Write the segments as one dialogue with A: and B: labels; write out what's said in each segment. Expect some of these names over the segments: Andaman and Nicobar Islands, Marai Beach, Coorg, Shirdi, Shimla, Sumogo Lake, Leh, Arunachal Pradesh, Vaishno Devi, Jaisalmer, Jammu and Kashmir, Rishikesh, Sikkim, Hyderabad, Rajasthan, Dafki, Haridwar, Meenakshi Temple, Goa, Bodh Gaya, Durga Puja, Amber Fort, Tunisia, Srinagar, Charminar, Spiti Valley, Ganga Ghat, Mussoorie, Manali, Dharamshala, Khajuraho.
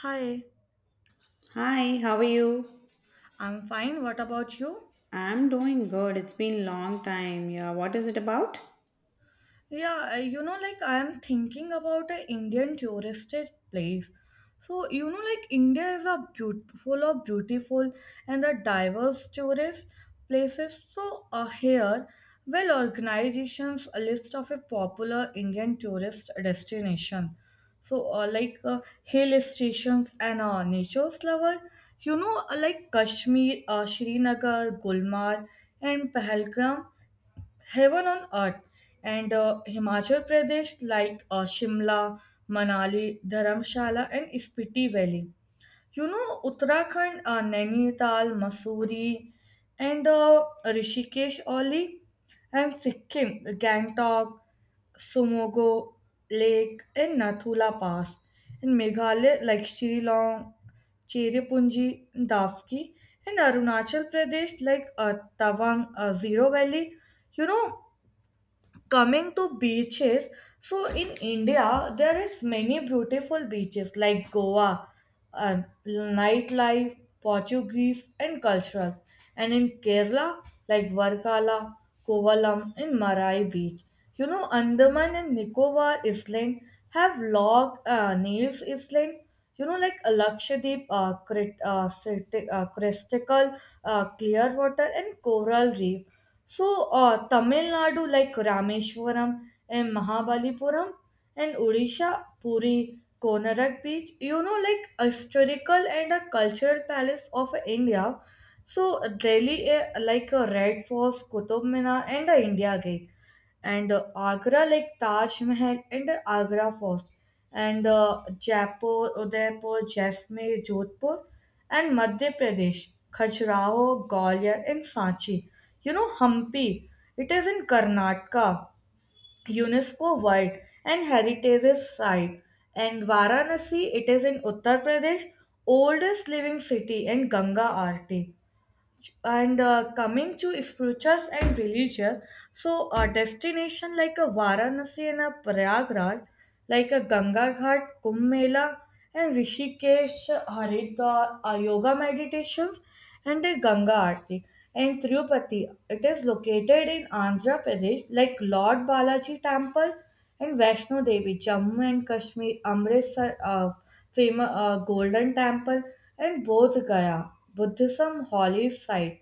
A: Hi,
B: Hi, how are you?
A: I'm fine. What about you?
B: I'm doing good. It's been long time. Yeah, what is it about?
A: Yeah, like I am thinking about an Indian touristed place. So, like India is a beautiful of beautiful and a diverse tourist places. So, here, well, organizations a list of a popular Indian tourist destination. So, like hill stations and nature's lover, like Kashmir, Srinagar, Gulmarg, and Pahalgam, heaven on earth. And Himachal Pradesh, like Shimla, Manali, Dharamshala, and Spiti Valley. Uttarakhand, Nainital, Mussoorie, and Rishikesh only, and Sikkim, Gangtok, Sumogo Lake, and Nathula Pass. In Meghalaya, like Shillong, Cherrapunji, Dafki, and Arunachal Pradesh, like Tawang, Zero Valley. You know, coming to beaches, so in India there is many beautiful beaches like Goa, um, nightlife, Portuguese and cultural, and in Kerala, like Varkala, Kovalam, and Marai Beach. Andaman and Nicobar Island have log, Nails Island. Lakshadweep, crystal clear water and coral reef. So, Tamil Nadu, like Rameshwaram and Mahabalipuram, and Odisha, Puri, Konark Beach. Like a historical and a cultural palace of India. So, Delhi, eh, like a Red Force, Qutub Minar, and a India Gate, and Agra, like Taj Mahal and Agra Fort, and Jaipur, Udaipur, Jaisalmer, Jodhpur, and Madhya Pradesh, Khajuraho, Gwalior, and Sanchi. Hampi, it is in Karnataka, UNESCO World and Heritage Site, and Varanasi, it is in Uttar Pradesh, oldest living city and Ganga Aarti, and coming to spirituals and religious. So a destination like a Varanasi and a Prayagraj, like a Ganga Ghat, Kumbh Mela, and Rishikesh, Haridwar, yoga meditations and a Ganga Aarti, and Tirupati. It is located in Andhra Pradesh, like Lord Balaji temple, and Vaishno Devi, Jammu and Kashmir, Amritsar, famous Golden Temple, and Bodh Gaya, Buddhism holy site.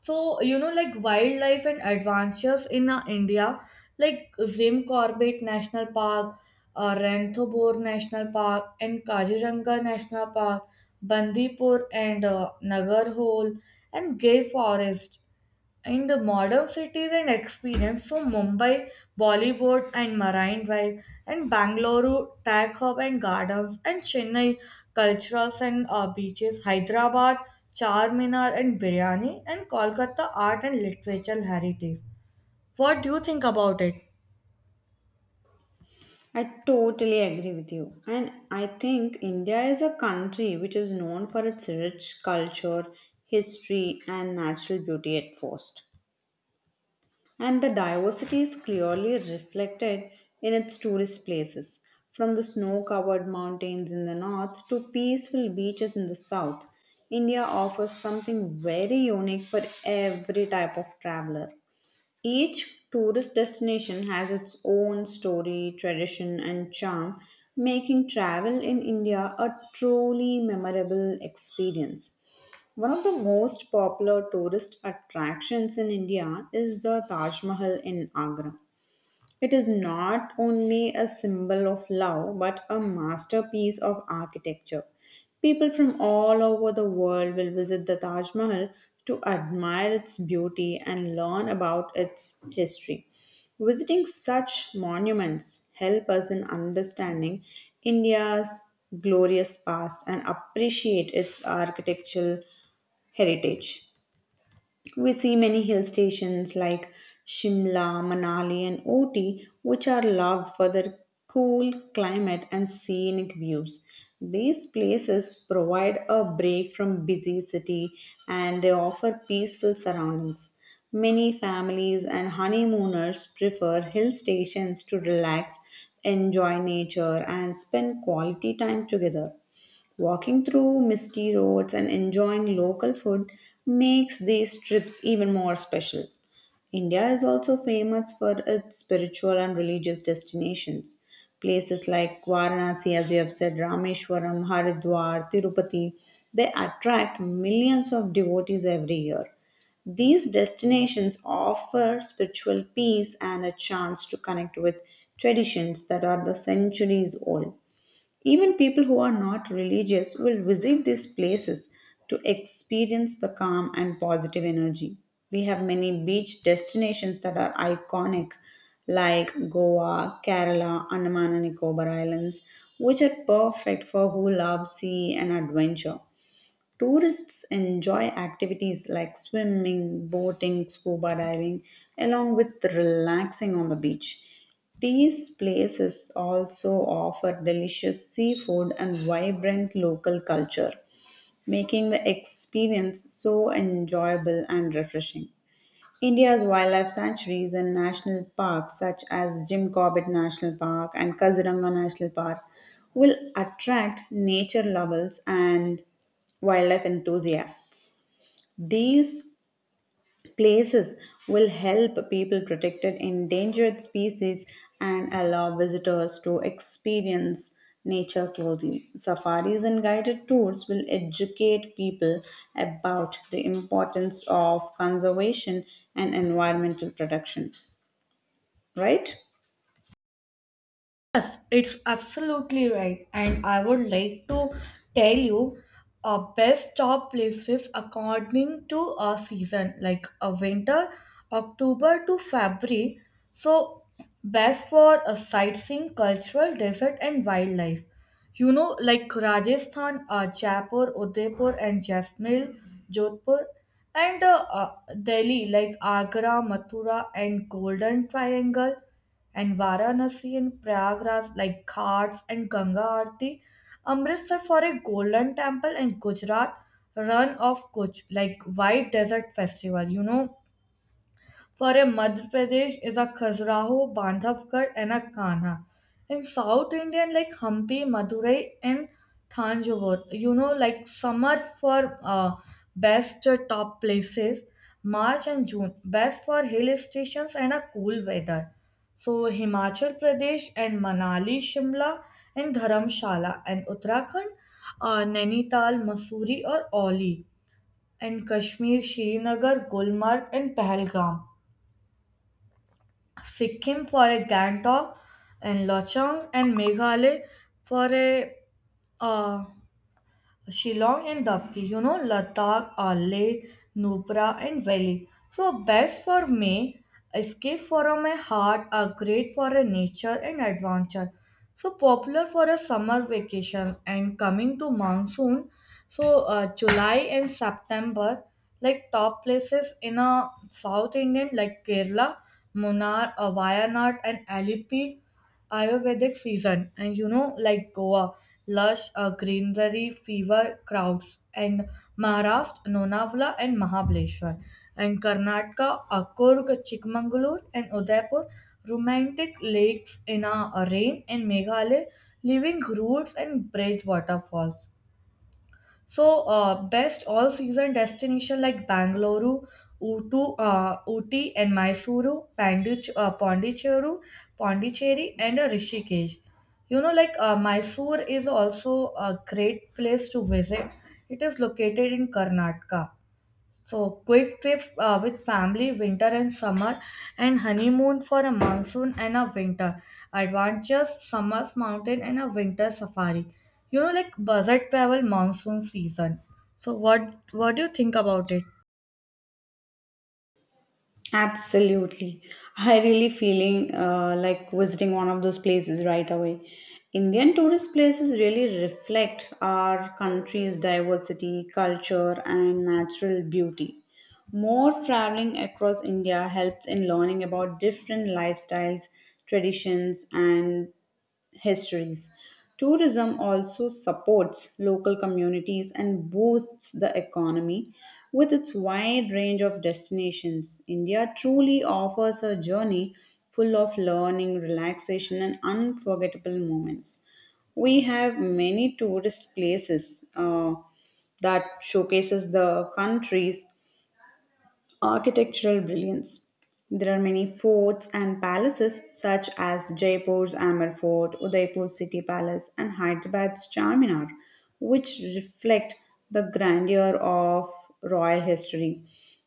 A: So, like wildlife and adventures in India, like Zim Corbett National Park, Ranthambore National Park, and Kaziranga National Park, Bandipur and Nagarhole, and Gir Forest. In the modern cities and experience. So Mumbai, Bollywood and Marine Drive, and Bangalore, Tag Hub and Gardens, and Chennai, culturals and beaches, Hyderabad, Charminar and Biryani, and Kolkata, art and literature heritage. What do you think about it?
B: I totally agree with you. And I think India is a country which is known for its rich culture, history, and natural beauty at first. And the diversity is clearly reflected in its tourist places, from the snow covered mountains in the north to peaceful beaches in the south. India offers something very unique for every type of traveler. Each tourist destination has its own story, tradition, and charm, making travel in India a truly memorable experience. One of the most popular tourist attractions in India is the Taj Mahal in Agra. It is not only a symbol of love, but a masterpiece of architecture. People from all over the world will visit the Taj Mahal to admire its beauty and learn about its history. Visiting such monuments help us in understanding India's glorious past and appreciate its architectural heritage. We see many hill stations like Shimla, Manali, and Ooty, which are loved for their cool climate and scenic views. These places provide a break from busy city and they offer peaceful surroundings. Many families and honeymooners prefer hill stations to relax, enjoy nature, and spend quality time together. Walking through misty roads and enjoying local food makes these trips even more special. India is also famous for its spiritual and religious destinations. Places like Varanasi, as you have said, Rameshwaram, Haridwar, Tirupati, they attract millions of devotees every year. These destinations offer spiritual peace and a chance to connect with traditions that are the centuries old. Even people who are not religious will visit these places to experience the calm and positive energy. We have many beach destinations that are iconic, like Goa, Kerala, Andaman and Nicobar Islands, which are perfect for who love sea and adventure. Tourists enjoy activities like swimming, boating, scuba diving, along with relaxing on the beach. These places also offer delicious seafood and vibrant local culture, making the experience so enjoyable and refreshing. India's wildlife sanctuaries and national parks, such as Jim Corbett National Park and Kaziranga National Park, will attract nature lovers and wildlife enthusiasts. These places will help people protected endangered species and allow visitors to experience nature closely. Safaris and guided tours will educate people about the importance of conservation and environmental protection, right?
A: Yes, it's absolutely right. And I would like to tell you best top places according to a season, like a winter, October to February. So, best for a sightseeing, cultural, desert, and wildlife. Like Rajasthan, Jaipur, Udaipur, and Jaisalmer, Jodhpur, and Delhi, like Agra, Mathura, and Golden Triangle. And Varanasi and Prayagraj, like Ghats and Ganga Aarti, Amritsar for a Golden Temple, and Gujarat, run of Kuch, like White Desert Festival. For a Madhya Pradesh is a Khajuraho, Bandhavgarh, and a Kanha. In South Indian, like Hampi, Madurai, and Thanjavur. Like summer for best top places, March and June, best for hill stations and a cool weather. So, Himachal Pradesh and Manali, Shimla, and Dharamshala, and Uttarakhand, Nainital, Mussoorie, or Oli, and Kashmir, Srinagar, Gulmarg, and Pahalgam. Sikkim for a Gangtok and Lochong, and Meghalaya for a uh, Shillong and Dafki. Ladakh, Leh, Nubra, and Valley. So, best for me, escape from my heart, are great for a nature and adventure. So, popular for a summer vacation and coming to monsoon. So, July and September, like top places in a South Indian, like Kerala, Munnar, Wayanad, and Alipi. Ayurvedic season, and like Goa, lush greenery, fever crowds, and Maharashtra, Lonavala, and Mahabaleshwar, and Karnataka, Akurg, Chikmagalur, and Udaipur, romantic lakes in a rain, and Meghalaya, living roots and bridge waterfalls. So, best all season destination like Bangalore, Uti, and Mysuru, Pondicherry, and Rishikesh. Mysore is also a great place to visit. It is located in Karnataka. So, quick trip with family, winter and summer, and honeymoon for a monsoon and a winter. Adventures, summer's mountain, and a winter safari. Like budget travel monsoon season. So, what do you think about it?
B: Absolutely. I really feeling like visiting one of those places right away. Indian tourist places really reflect our country's diversity, culture, and natural beauty. More traveling across India helps in learning about different lifestyles, traditions, and histories. Tourism also supports local communities and boosts the economy with its wide range of destinations. India truly offers a journey full of learning, relaxation, and unforgettable moments. We have many tourist places that showcases the country's architectural brilliance. There are many forts and palaces such as Jaipur's Amber Fort, Udaipur's City Palace, and Hyderabad's Charminar, which reflect the grandeur of royal history.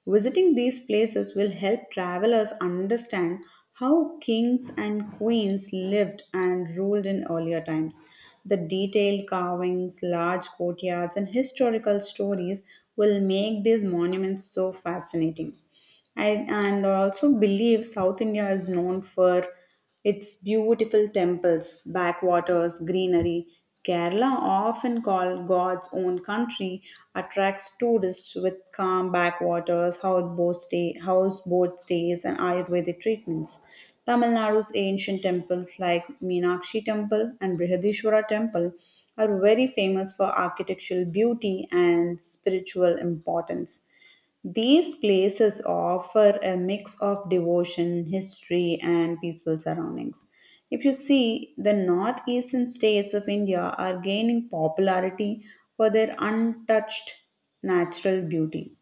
B: Visiting these places will help travelers understand how kings and queens lived and ruled in earlier times. The detailed carvings, large courtyards, and historical stories will make these monuments so fascinating. I, and I also believe South India is known for its beautiful temples, backwaters, greenery, Kerala, often called God's own country, attracts tourists with calm backwaters, houseboat, stay, houseboat stays, and Ayurvedic treatments. Tamil Nadu's ancient temples like Meenakshi Temple and Brihadishwara Temple are very famous for architectural beauty and spiritual importance. These places offer a mix of devotion, history, and peaceful surroundings. If you see, the northeastern states of India are gaining popularity for their untouched natural beauty.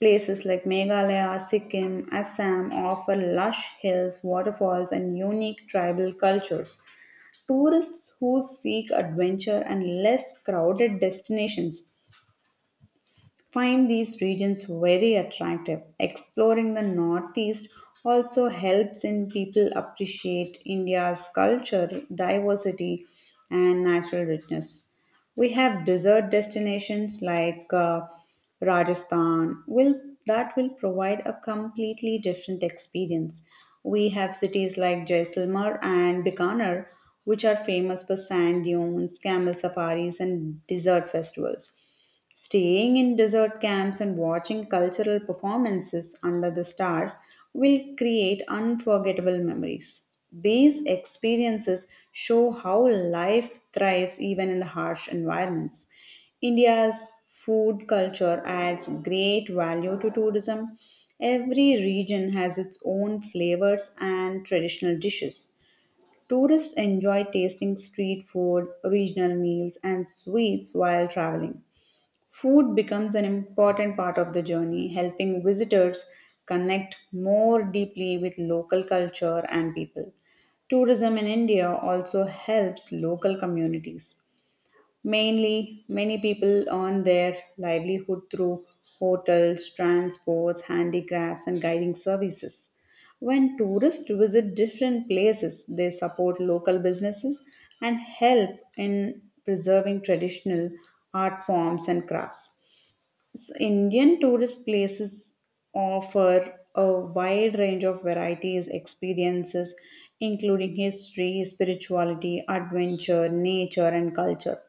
B: Places like Meghalaya, Sikkim, Assam offer lush hills, waterfalls, and unique tribal cultures. Tourists who seek adventure and less crowded destinations find these regions very attractive. Exploring the Northeast also helps in people appreciate India's culture, diversity, and natural richness. We have desert destinations like Rajasthan will that will provide a completely different experience. We have cities like Jaisalmer and Bikaner, which are famous for sand dunes, camel safaris, and desert festivals. Staying in desert camps and watching cultural performances under the stars will create unforgettable memories. These experiences show how life thrives even in the harsh environments. India's food culture adds great value to tourism. Every region has its own flavors and traditional dishes. Tourists enjoy tasting street food, regional meals, and sweets while traveling. Food becomes an important part of the journey, helping visitors connect more deeply with local culture and people. Tourism in India also helps local communities. Mainly, many people earn their livelihood through hotels, transports, handicrafts, and guiding services. When tourists visit different places, they support local businesses and help in preserving traditional art forms and crafts. So Indian tourist places offer a wide range of varieties, experiences, including history, spirituality, adventure, nature, and culture.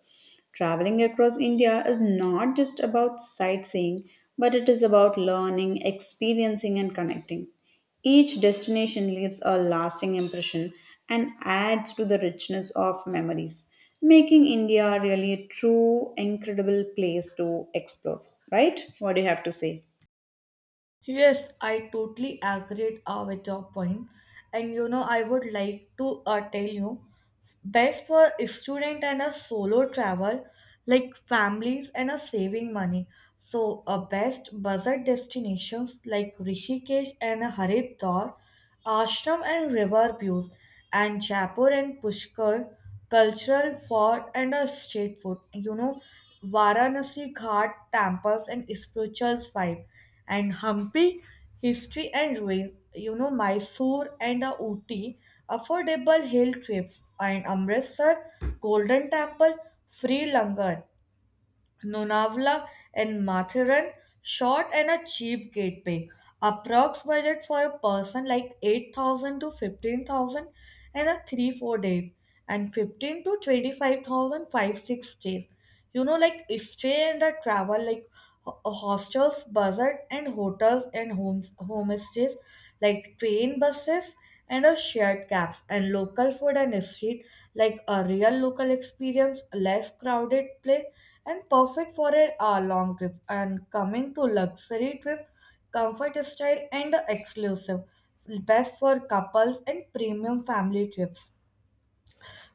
B: Traveling across India is not just about sightseeing, but it is about learning, experiencing, and connecting. Each destination leaves a lasting impression and adds to the richness of memories, making India really a true, incredible place to explore. Right? What do you have to say?
A: Yes, I totally agree with your point. And I would like to tell you best for a student and a solo travel, like families and a saving money. So, a best budget destinations like Rishikesh and Haridwar, ashram and river views, and Jaipur and Pushkar, cultural fort and a street food. Varanasi Ghat temples and spiritual vibe, and Hampi, history and ruins. Mysore and Ooty, affordable hill trips, and Amritsar, Golden Temple, free langar. Nonavla and Mathuran, short and a cheap gateway. Approx budget for a person like 8,000 to 15,000 and a 3-4 days and 15 to 25 6 days. Like stay and a travel, like hostels, buzzard and hotels, and homestays, like train, buses, and our shared caps and local food and street, like a real local experience, less crowded place, and perfect for a long trip. And coming to luxury trip, comfort style and exclusive, best for couples and premium family trips.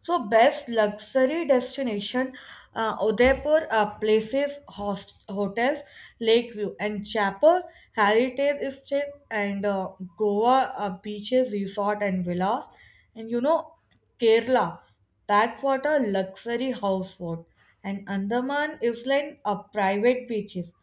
A: So, best luxury destination, Udaipur, places, hotels, Lakeview and Chapel Heritage Estate, and Goa, beaches, resort and villas, and Kerala backwater luxury houseboat, and Andaman Island, private beaches,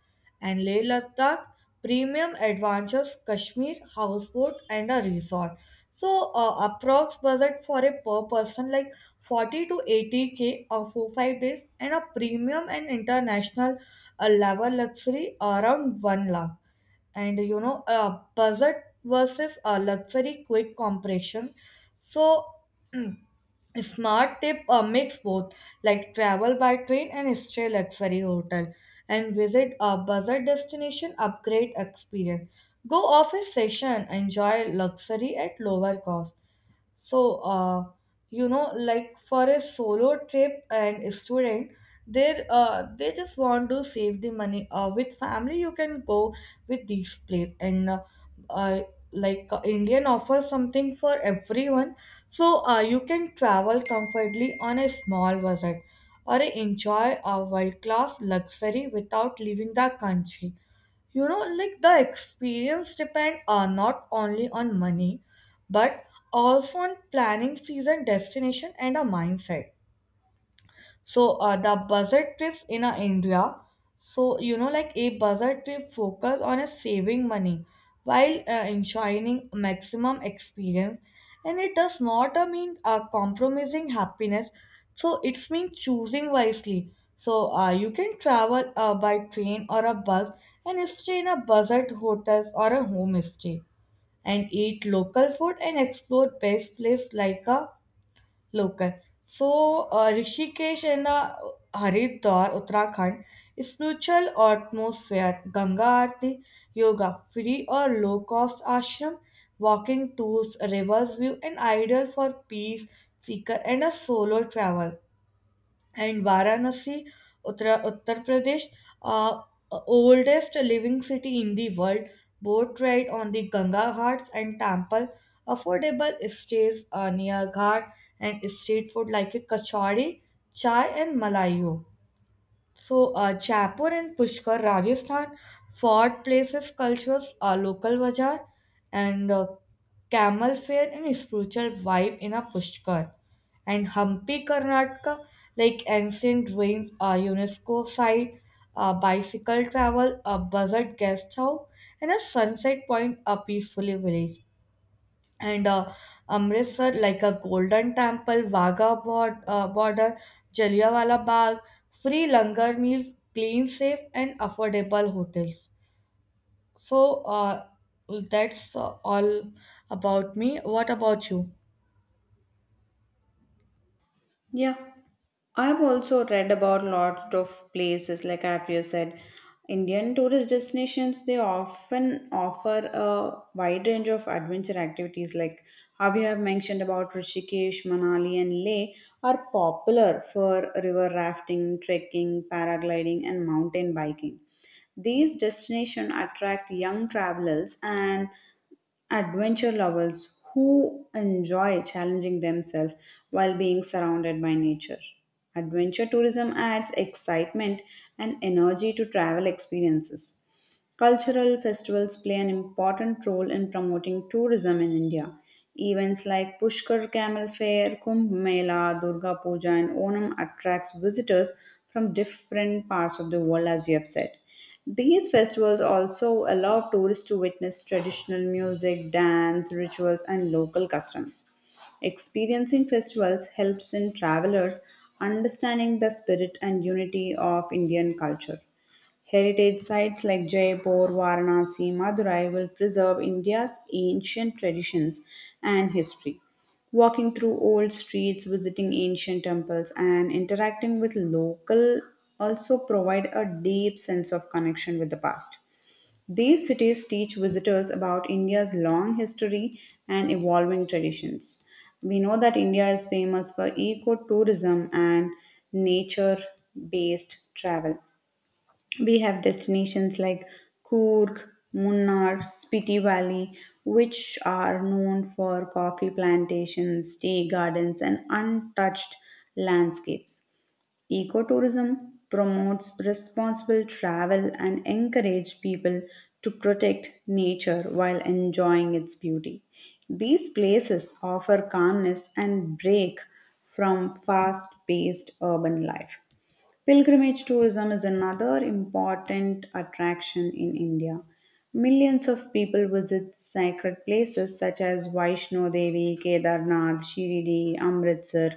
A: and Leh Ladakh, premium adventures, Kashmir, houseboat, and a resort. So, approx budget for a per person like 40 to 80K for 5 days, and a premium and international level luxury around 1 lakh. And budget versus a luxury quick compression. So a smart tip, mix both, like travel by train and stay luxury hotel, and visit a buzzer destination upgrade experience. Go office session, enjoy luxury at lower cost. So, like for a solo trip and a student, they they just want to save the money. With family, you can go with these place, and uh, like Indian offers something for everyone. So, you can travel comfortably on a small budget or enjoy a world class luxury without leaving the country. Like the experience depend not only on money, but also on planning, season, destination, and a mindset. So, the budget trips in India. So, like a budget trip focus on a saving money while enjoying maximum experience, and it does not mean compromising happiness. So it's mean choosing wisely. So, you can travel by train or a bus, and stay in a budget hotels or a homestay, and eat local food, and explore best place like a local. So, Rishikesh and Haridwar, Uttarakhand, spiritual atmosphere, Ganga Aarti, yoga, free or low cost ashram, walking tours, rivers view, and ideal for peace seeker and a solo travel, and Varanasi, Uttar Pradesh, uh, oldest living city in the world, boat ride on the Ganga Ghats and temple, affordable stays near Ghat, and street food like a kachori, chai, and malayo. So, Jaipur and Pushkar, Rajasthan, fort places, cultures, a local bazaar, and camel fair and spiritual vibe in a Pushkar. And Hampi, Karnataka, like ancient ruins, a UNESCO site, a bicycle travel, a buzzard guest house, and a sunset point, a peacefully village, and Amritsar, like a Golden Temple, Wagah border, Jallianwala Bagh, free langar meals, clean, safe, and affordable hotels. So, that's all about me. What about you?
B: Yeah, I've also read about lots of places, like I've just said, Indian tourist destinations. They often offer a wide range of adventure activities, like how you have mentioned about Rishikesh, Manali, and Leh, are popular for river rafting, trekking, paragliding, and mountain biking. These destinations attract young travelers and adventure lovers who enjoy challenging themselves while being surrounded by nature. Adventure tourism adds excitement and energy to travel experiences. Cultural festivals play an important role in promoting tourism in India. Events like Pushkar Camel Fair, Kumbh Mela, Durga Puja, and Onam attracts visitors from different parts of the world, as you have said. These festivals also allow tourists to witness traditional music, dance, rituals, and local customs. Experiencing festivals helps in travelers understanding the spirit and unity of Indian culture. Heritage sites like Jaipur, Varanasi, Madurai will preserve India's ancient traditions and history. Walking through old streets, visiting ancient temples, and interacting with local also provide a deep sense of connection with the past. These cities teach visitors about India's long history and evolving traditions. We know that India is famous for ecotourism and nature based travel. We have destinations like Coorg, Munnar, Spiti Valley, which are known for coffee plantations, tea gardens, and untouched landscapes. Ecotourism promotes responsible travel and encourages people to protect nature while enjoying its beauty. These places offer calmness and break from fast paced urban life. Pilgrimage tourism is another important attraction in India. Millions of people visit sacred places such as Vaishno Devi, Kedarnath, Shirdi, Amritsar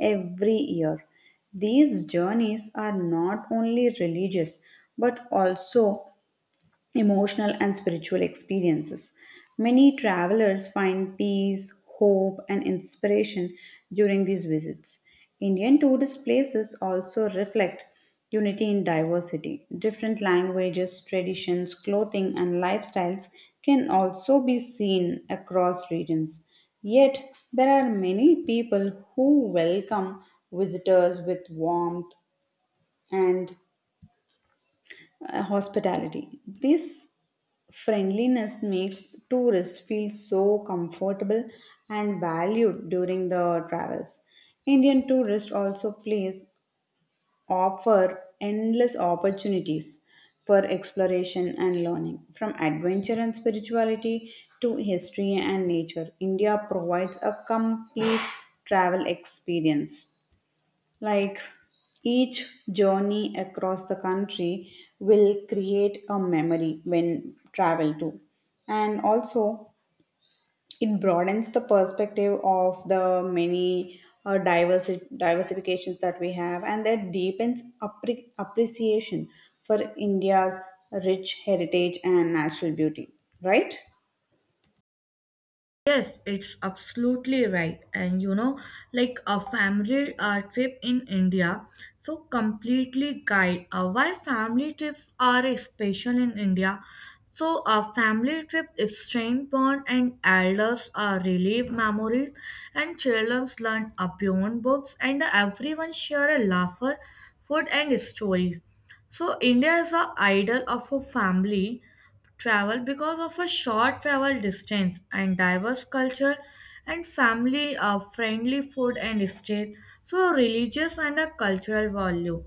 B: every year. These journeys are not only religious but also emotional and spiritual experiences. Many travelers find peace, hope, and inspiration during these visits. Indian tourist places also reflect unity in diversity. Different languages, traditions, clothing, and lifestyles can also be seen across regions. Yet, there are many people who welcome visitors with warmth and hospitality. This friendliness makes tourists feel so comfortable and valued during the travels. Indian tourists also place offer endless opportunities for exploration and learning. From adventure and spirituality to history and nature, India provides a complete travel experience. Like each journey across the country will create a memory when travel to. And also, it broadens the perspective of the many diversifications that we have, and that deepens appreciation for India's rich heritage and natural beauty. Right?
A: Yes, it's absolutely right. And like a family trip in India, so completely guide why family trips are special in India. So a family trip is strength bond, and elders relive memories, and children learn beyond books, and everyone share a laughter, food, and stories. So India is a idol of a family travel because of a short travel distance and diverse culture and family friendly food and stays. So religious and a cultural value.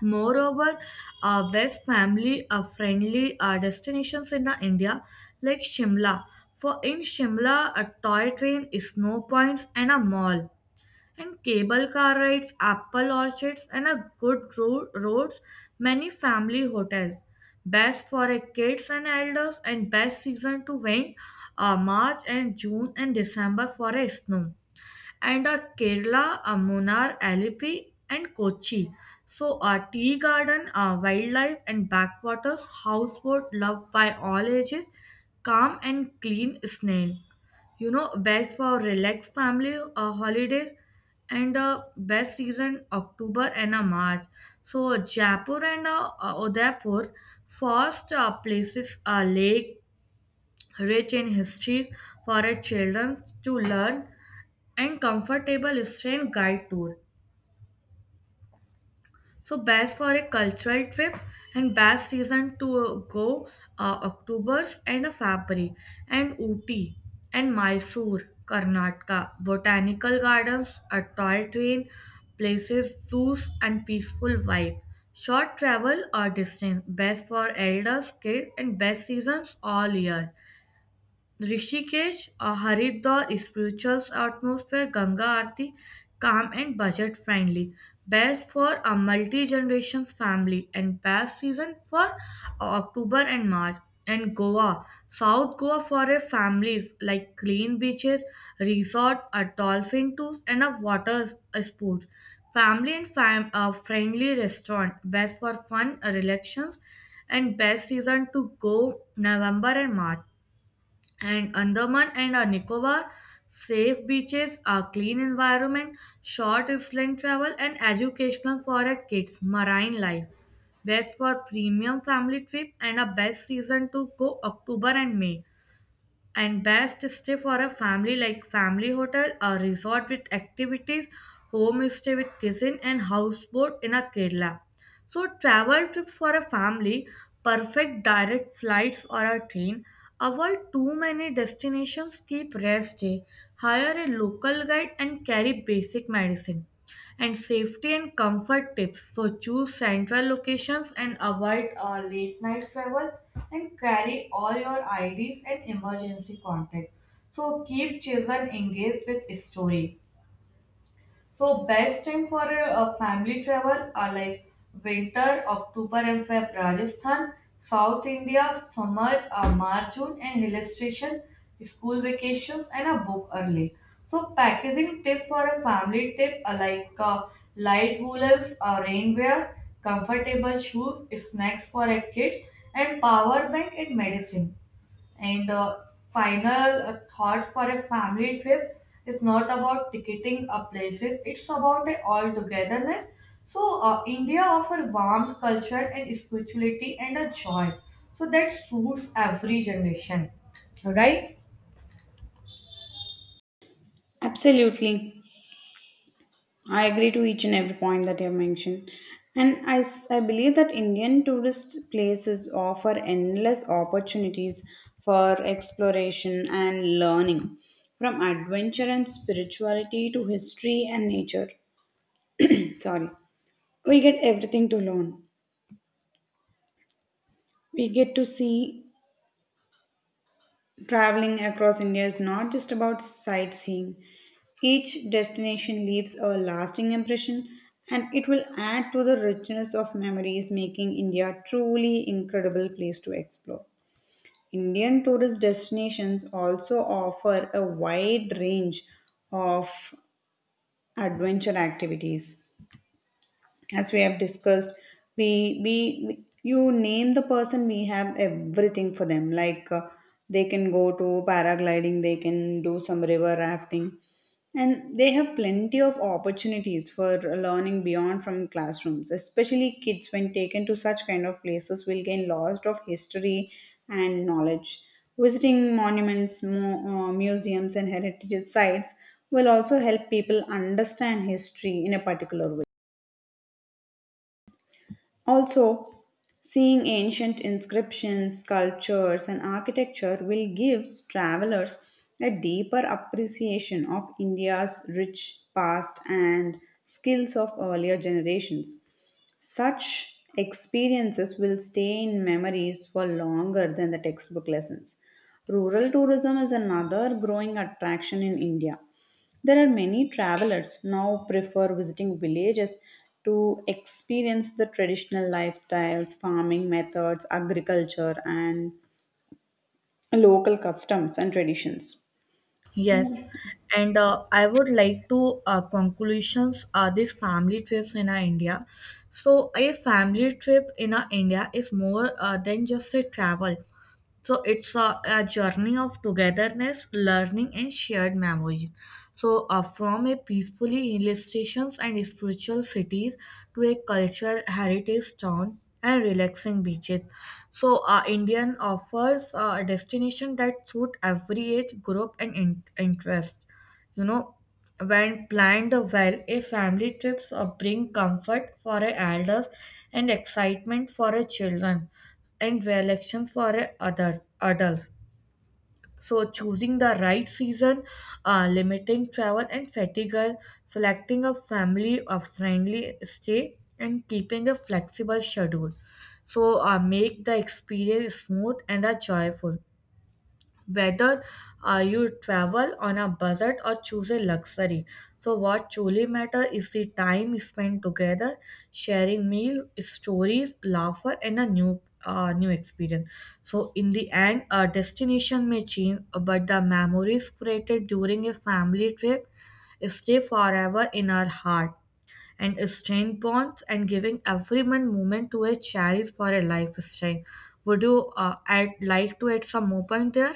A: Moreover, best family friendly destinations in India, like Shimla. For in Shimla, a toy train, snow points, and a mall, and cable car rides, apple orchards, and a good roads, many family hotels. Best for a kids and elders, and best season to went March and June and December for a snow, and Kerala, Munnar, Alipi, and Kochi. So, tea garden, wildlife, and backwaters, houseboat loved by all ages, calm and clean snail. Best for relaxed family holidays, and best season October and March. So, Jaipur and Udaipur, first places are lake, rich in histories, for a children to learn, and comfortable student guide tour. So best for a cultural trip and best season to go October and a February, and Ooty and Mysore, Karnataka, botanical gardens, a toy train, places, zoos, and peaceful vibe. Short travel or distance, best for elders, kids, and best seasons all year. Rishikesh or Haridwar is spiritual atmosphere, Ganga Aarti, calm and budget friendly. Best for a multi-generation family, and best season for October and March. And Goa, South Goa, for a families like clean beaches, resort, a dolphin tours, and a water sports. Family and a friendly restaurant, best for fun, relations, and best season to go November and March, and Andaman and Nicobar, safe beaches, a clean environment, short island travel, and educational for our kids, marine life. Best for premium family trip and a best season to go October and May, and best stay for a family like family hotel or resort with activities, home stay with kitchen and houseboat in a Kerala. So travel trip for a family, perfect direct flights or a train, avoid too many destinations, keep rest day, hire a local guide and carry basic medicine, and safety and comfort tips. So choose central locations and avoid late night travel, and carry all your IDs and emergency contact. So keep children engaged with story. So best time for a family travel are like winter, October and Feb, Rajasthan, South India, summer, March, June, and hill station, school vacations, and a book early. So packaging tip for a family tip are like light woolens or rainwear, comfortable shoes, snacks for a kids, and power bank and medicine. And final thoughts for a family trip is not about ticketing a places, it's about a all togetherness. So, India offers warmth, culture, and spirituality and a joy. So, that suits every generation, right?
B: Absolutely. I agree to each and every point that you have mentioned. And I believe that Indian tourist places offer endless opportunities for exploration and learning, from adventure and spirituality to history and nature. Sorry. We get everything to learn. We get to see traveling across India is not just about sightseeing. Each destination leaves a lasting impression and it will add to the richness of memories, making India a truly incredible place to explore. Indian tourist destinations also offer a wide range of adventure activities as we have discussed. we we we- you name the person, we have everything for them like they can go to paragliding, they can do some river rafting, and they have plenty of opportunities for learning beyond from classrooms, especially kids when taken to such kind of places will gain lots of history and knowledge. Visiting monuments, museums and heritage sites will also help people understand history in a particular way. Also, seeing ancient inscriptions, sculptures, and architecture will give travelers a deeper appreciation of India's rich past and skills of earlier generations. Such experiences will stay in memories for longer than the textbook lessons. Rural tourism is another growing attraction in India. There are many travelers now prefer visiting villages to experience the traditional lifestyles, farming methods, agriculture, and local customs and traditions.
A: Yes,
B: So,
A: and I would like to conclusions these family trips in our India. So a family trip in our India is more than just a travel. So it's a journey of togetherness, learning, and shared memories. So, from a peacefully hill stations and spiritual cities to a cultural heritage town and relaxing beaches. So, Indian offers a destination that suit every age group and interest. You know, when planned well, a family trips bring comfort for a elders and excitement for a children and relaxation for a others adults. So, choosing the right season, limiting travel and fatigue, selecting a family a friendly stay, and keeping a flexible schedule. So, make the experience smooth and joyful, whether you travel on a budget or choose a luxury. So, what truly matters is the time spent together, sharing meal, stories, laughter, and a new experience. So, in the end, a destination may change, but the memories created during a family trip stay forever in our heart and strength bonds and giving everyone moment to a cherish for a lifestyle. Would you add like to add some more point there?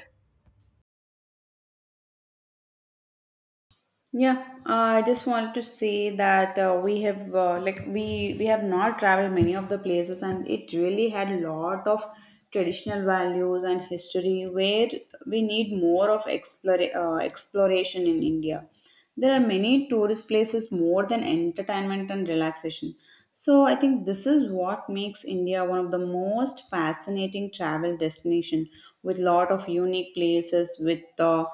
B: yeah, I just wanted to say that we have like we have not traveled many of the places, and it really had a lot of traditional values and history where we need more of exploration in India. There are many tourist places more than entertainment and relaxation. So I think this is what makes India one of the most fascinating travel destination with lot of unique places with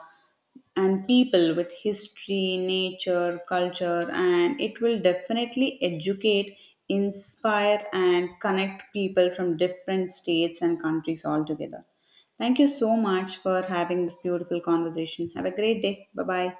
B: and people with history, nature, culture, and it will definitely educate, inspire, and connect people from different states and countries all together. Thank you so much for having this beautiful conversation. Have a great day. Bye bye.